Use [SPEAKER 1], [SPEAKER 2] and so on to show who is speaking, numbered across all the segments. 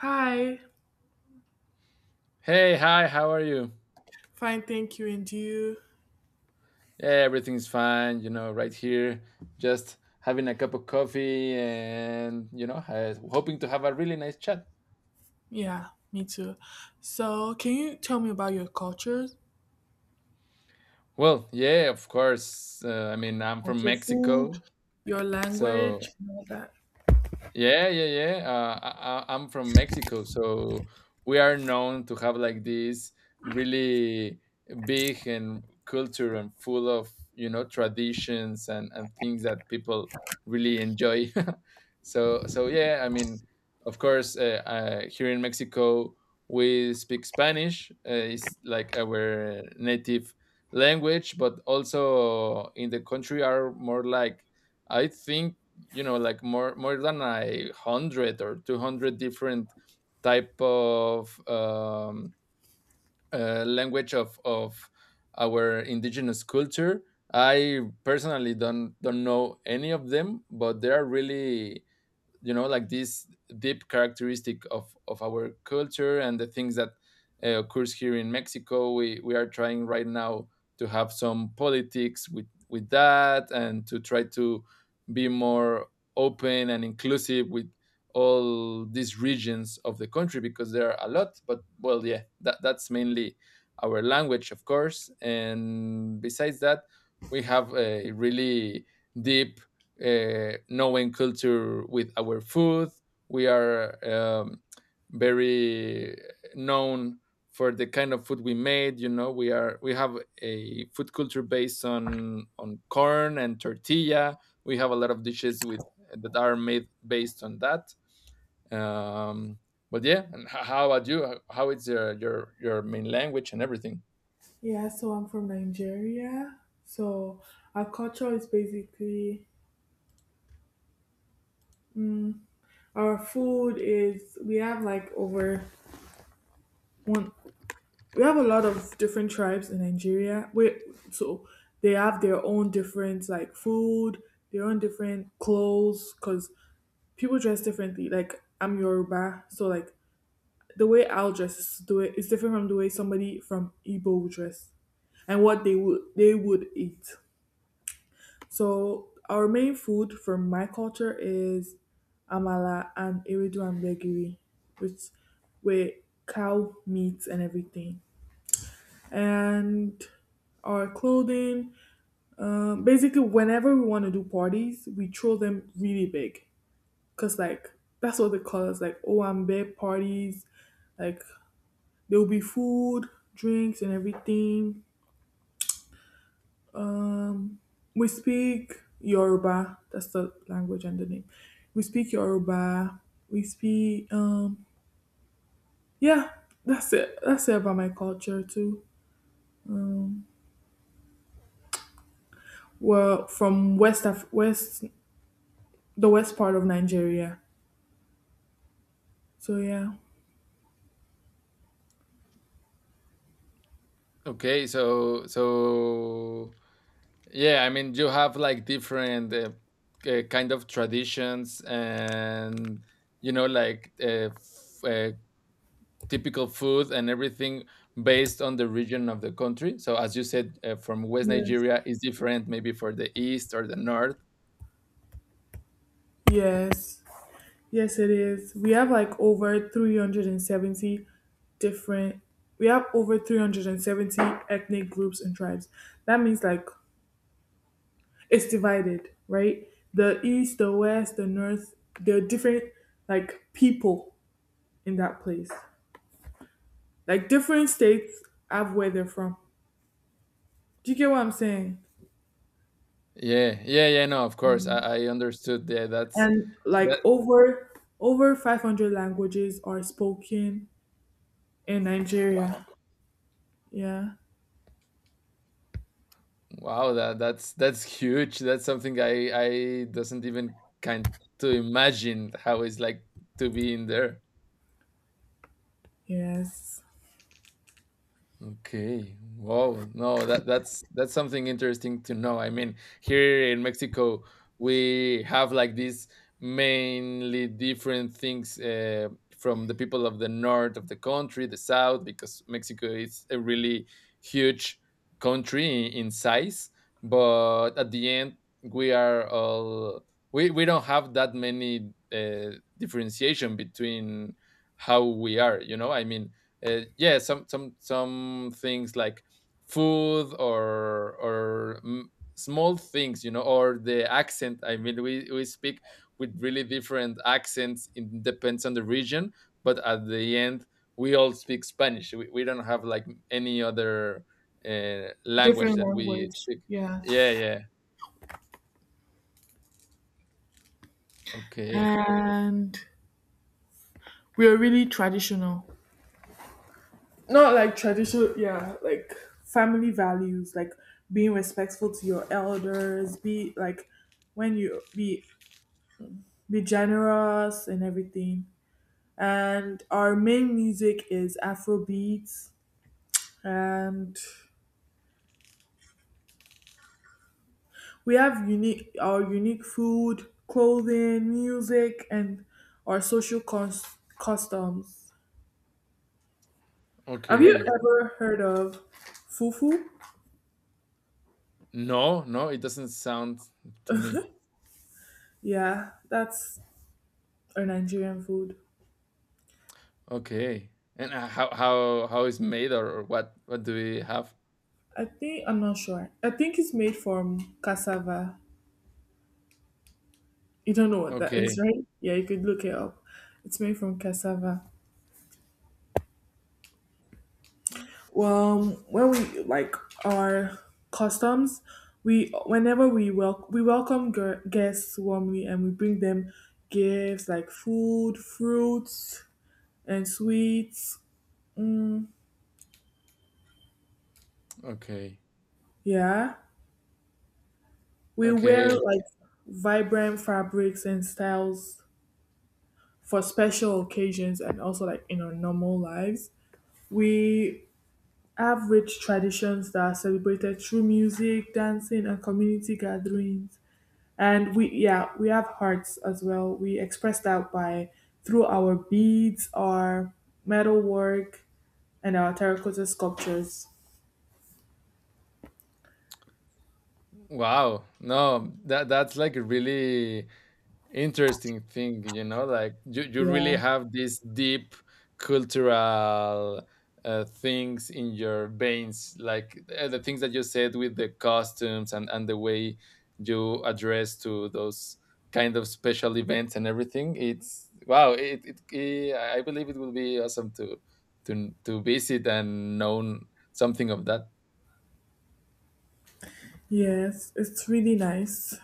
[SPEAKER 1] Hi,
[SPEAKER 2] Hey, hi, how are you?
[SPEAKER 1] fine, thank you, and you?
[SPEAKER 2] Yeah, everything's fine, right here, just having a cup of coffee and, hoping to have a really nice chat.
[SPEAKER 1] Yeah, me too. So, can you tell me about your culture,
[SPEAKER 2] Well, yeah, of course. I mean, I'm
[SPEAKER 1] like
[SPEAKER 2] from
[SPEAKER 1] your food,
[SPEAKER 2] Mexico,
[SPEAKER 1] your
[SPEAKER 2] so.
[SPEAKER 1] language, and all that?
[SPEAKER 2] Yeah, yeah, yeah. I'm from Mexico, so we are known to have like this really big and culture and full of traditions and things that people really enjoy. So yeah, I mean, of course, here in Mexico we speak Spanish. It's like our native language, but also in the country are more like, I think, like more than 100 or 200 different type of language of our indigenous culture. I personally don't know any of them, but they are really, like, this deep characteristic of our culture, and the things that occurs here in Mexico. We are trying right now to have some politics with that and to try to be more open and inclusive with all these regions of the country because there are a lot. But well, yeah, that's mainly our language, of course. And besides that, we have a really deep, knowing culture with our food. We are very known for the kind of food we made. You know, we have a food culture based on corn and tortilla. We have a lot of dishes with that are made based on that. Um, but yeah, and how about you? How is your main language and everything?
[SPEAKER 1] Yeah, so I'm from Nigeria. So, our culture is basically our food is we have like over one, we have a lot of different tribes in Nigeria. We so they have their own different like food, their own different clothes, because people dress differently. Like I'm Yoruba, so like the way I'll dress is the way different from the way somebody from Igbo would dress and what they would eat. So our main food from my culture is amala and iridu and gbegiri, which with cow meat and everything. And our clothing, basically, whenever we want to do parties, we throw them really big because like that's what they call us like OMB parties. Like there will be food, drinks, and everything. We speak Yoruba. That's the language and the name. We speak Yoruba. We speak. Yeah, that's it. That's it about my culture too. Well, from West, the west part of Nigeria. So yeah.
[SPEAKER 2] Okay, so yeah, I mean, you have like different kind of traditions and, like, typical food and everything based on the region of the country. So as you said, from West
[SPEAKER 1] Yes.
[SPEAKER 2] Nigeria is different maybe for the east or the north.
[SPEAKER 1] Yes. Yes, it is. We have like over 370 different, we have over 370 ethnic groups and tribes. That means like it's divided, right? The east, the west, the north, there are different like people in that place. Like different states have where they're from. Do you get what I'm saying?
[SPEAKER 2] Yeah, yeah, yeah. No, of course, I understood. Yeah, that's
[SPEAKER 1] And like
[SPEAKER 2] that.
[SPEAKER 1] over over 500 languages are spoken in
[SPEAKER 2] Wow,
[SPEAKER 1] Nigeria. Yeah.
[SPEAKER 2] wow, that's huge. That's something I doesn't even kind to imagine how it's like to be in there.
[SPEAKER 1] Yes.
[SPEAKER 2] Okay. Wow. No, that's something interesting to know. I mean, here in Mexico, we have like these mainly different things, from the people of the north of the country, the south, because Mexico is a really huge country in size. But at the end, we are all we don't have that many differentiation between how we are. You know, I mean, yeah, some things like food or small things, or the accent. I mean, we speak with really different accents. It depends on the region, but at the end we all speak Spanish. We don't have like any other language
[SPEAKER 1] Different
[SPEAKER 2] that we
[SPEAKER 1] language.
[SPEAKER 2] speak.
[SPEAKER 1] Yeah.
[SPEAKER 2] Yeah, yeah. Okay.
[SPEAKER 1] And we are really traditional. Not like traditional, yeah, like family values, like being respectful to your elders, be like when you be generous and everything. And our main music is afrobeats. And we have unique, our unique food, clothing, music, and our customs. Have you
[SPEAKER 2] Okay.
[SPEAKER 1] ever heard of fufu?
[SPEAKER 2] No, no, it doesn't sound to me.
[SPEAKER 1] Yeah, that's a Nigerian food.
[SPEAKER 2] Okay. And how is made, or what do we have?
[SPEAKER 1] I think I'm not sure. I think it's made from cassava. You don't know what that is,
[SPEAKER 2] Okay.
[SPEAKER 1] right? Yeah, you could look it up. It's made from cassava. Well, when we like our customs, we welcome guests warmly and we bring them gifts like food, fruits, and sweets.
[SPEAKER 2] Okay.
[SPEAKER 1] Yeah, we wear
[SPEAKER 2] Okay. Okay.
[SPEAKER 1] like vibrant fabrics and styles for special occasions and also like in our normal lives. We have rich traditions that are celebrated through music, dancing, and community gatherings. And we, yeah, we have hearts as well. We express that by through our beads, our metalwork, and our terracotta sculptures.
[SPEAKER 2] Wow. No, that's like a really interesting thing. Like, you really
[SPEAKER 1] Yeah.
[SPEAKER 2] have these deep cultural, things in your veins. Like the things that you said with the costumes and the way you address to those kind of special events and everything, it's wow. It, it, eh, i I believe it will be awesome to visit and know something of that.
[SPEAKER 1] Yes, it's really nice.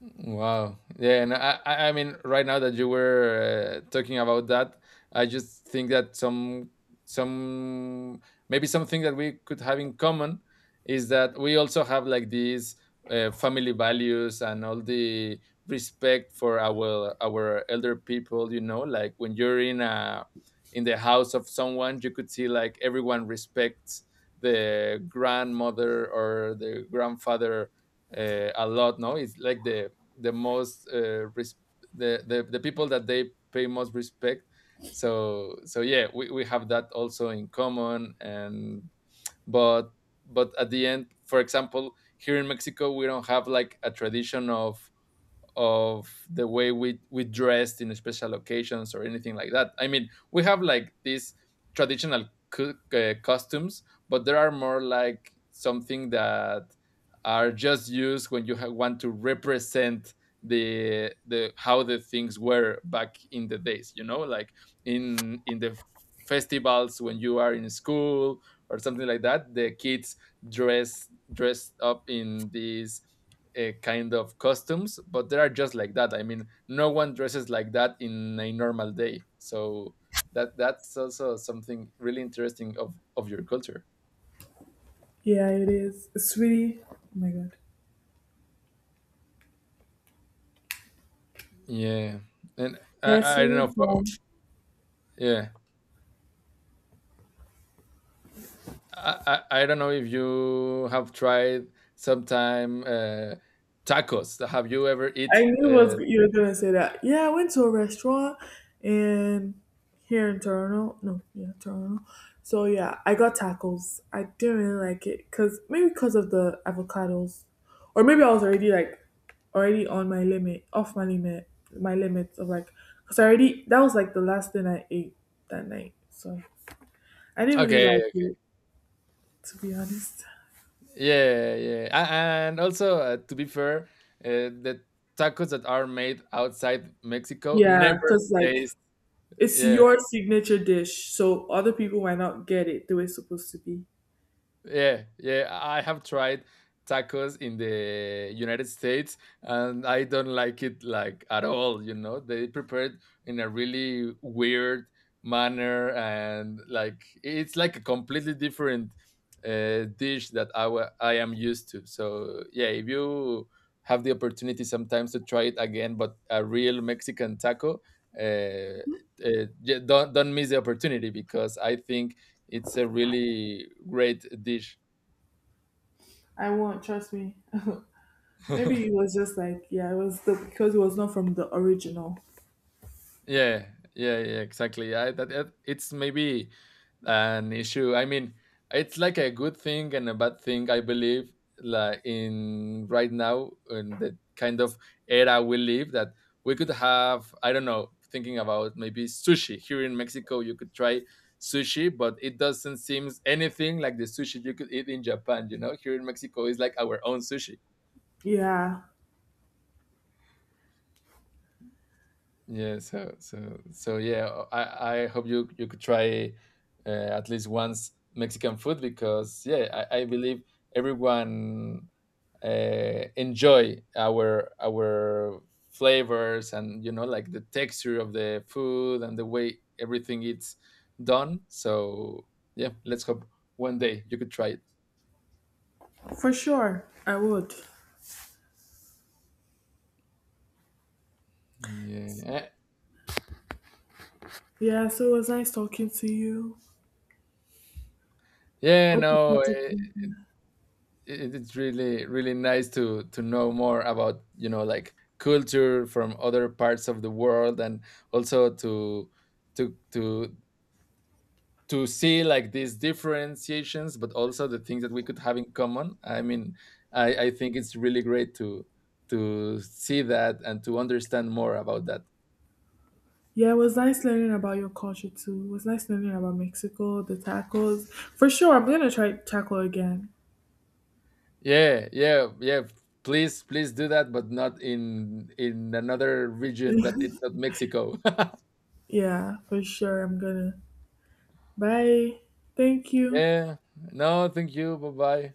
[SPEAKER 2] Wow. Yeah, and I mean, right now that you were talking about that, I just think that, some, maybe something that we could have in common is that we also have like these family values and all the respect for our elder people. You know, like when you're in the house of someone, you could see like everyone respects the grandmother or the grandfather, a lot. No, it's like the most, the people that they pay most respect. So yeah, we have that also in common. And but but at the end, for example, here in Mexico, we don't have like a tradition of the way we dressed in special occasions or anything like that. I mean, we have like these traditional costumes, but there are more like something that are just used when you want to represent the how the things were back in the days. You know, like in the festivals when you are in school or something like that. The kids dress dressed up in these kind of costumes, but they are just like that. I mean, no one dresses like that in a normal day. So that's also something really interesting of your culture.
[SPEAKER 1] Yeah, it is. It's really. Oh my god.
[SPEAKER 2] Yeah, and
[SPEAKER 1] Yeah, it's
[SPEAKER 2] I don't know.
[SPEAKER 1] really fun.
[SPEAKER 2] Yeah, I don't know if you have tried sometime, tacos. Have you ever eat?
[SPEAKER 1] I knew was you were gonna say that. Yeah, I went to a restaurant and here in Toronto. No, yeah, Toronto. So yeah, I got tacos. I didn't really like it because maybe because of the avocados, or maybe I was already like already on my limit, off my limit, my limits of like because I already that was like the last thing I ate that night. So I didn't really like
[SPEAKER 2] Okay.
[SPEAKER 1] it, to be honest.
[SPEAKER 2] Yeah, yeah. And also, to be fair, uh, the tacos that are made outside Mexico
[SPEAKER 1] Yeah,
[SPEAKER 2] never
[SPEAKER 1] because like
[SPEAKER 2] taste.
[SPEAKER 1] it's
[SPEAKER 2] Yeah,
[SPEAKER 1] your signature dish, so other people might not get it the way it's supposed to be.
[SPEAKER 2] yeah, yeah. I have tried tacos in the United States, and I don't like it like at all. They prepare it in a really weird manner, and like it's like a completely different dish that I am used to. So, yeah, if you have the opportunity sometimes to try it again, but a real Mexican taco, uh, yeah, don't miss the opportunity, because I think it's a really great dish.
[SPEAKER 1] I won't, trust me. Maybe it was just like, yeah, it was the because it was not from the original.
[SPEAKER 2] Yeah, yeah, yeah, exactly. It's maybe an issue. I mean, it's like a good thing and a bad thing, I believe, like in right now in the kind of era we live, that we could have, I don't know, thinking about maybe sushi. Here in Mexico, you could try sushi, but it doesn't seem anything like the sushi you could eat in Japan, you know? Here in Mexico is like our own sushi.
[SPEAKER 1] Yeah,
[SPEAKER 2] Yeah, so yeah, I hope you could try, uh, at least once, Mexican food, because yeah, I believe everyone, enjoy our flavors and, like, the texture of the food and the way everything it's done. So yeah, let's hope one day you could try it.
[SPEAKER 1] for sure, I would.
[SPEAKER 2] Yeah.
[SPEAKER 1] Yeah, so it was nice talking to you.
[SPEAKER 2] Yeah,
[SPEAKER 1] Hope we
[SPEAKER 2] no,
[SPEAKER 1] caught up soon.
[SPEAKER 2] it's really really nice to know more about, like, culture from other parts of the world, and also to to to see like these differentiations, but also the things that we could have in common. I mean, I think it's really great to see that and to understand more about that.
[SPEAKER 1] Yeah, it was nice learning about your culture too. It was nice learning about Mexico, the tacos. For sure, I'm gonna try taco again.
[SPEAKER 2] Yeah, yeah, yeah. Please, please do that, but not in another region that it's not Mexico.
[SPEAKER 1] Yeah, for sure, I'm gonna. Bye. Thank you.
[SPEAKER 2] Yeah. No, thank you. Bye, bye.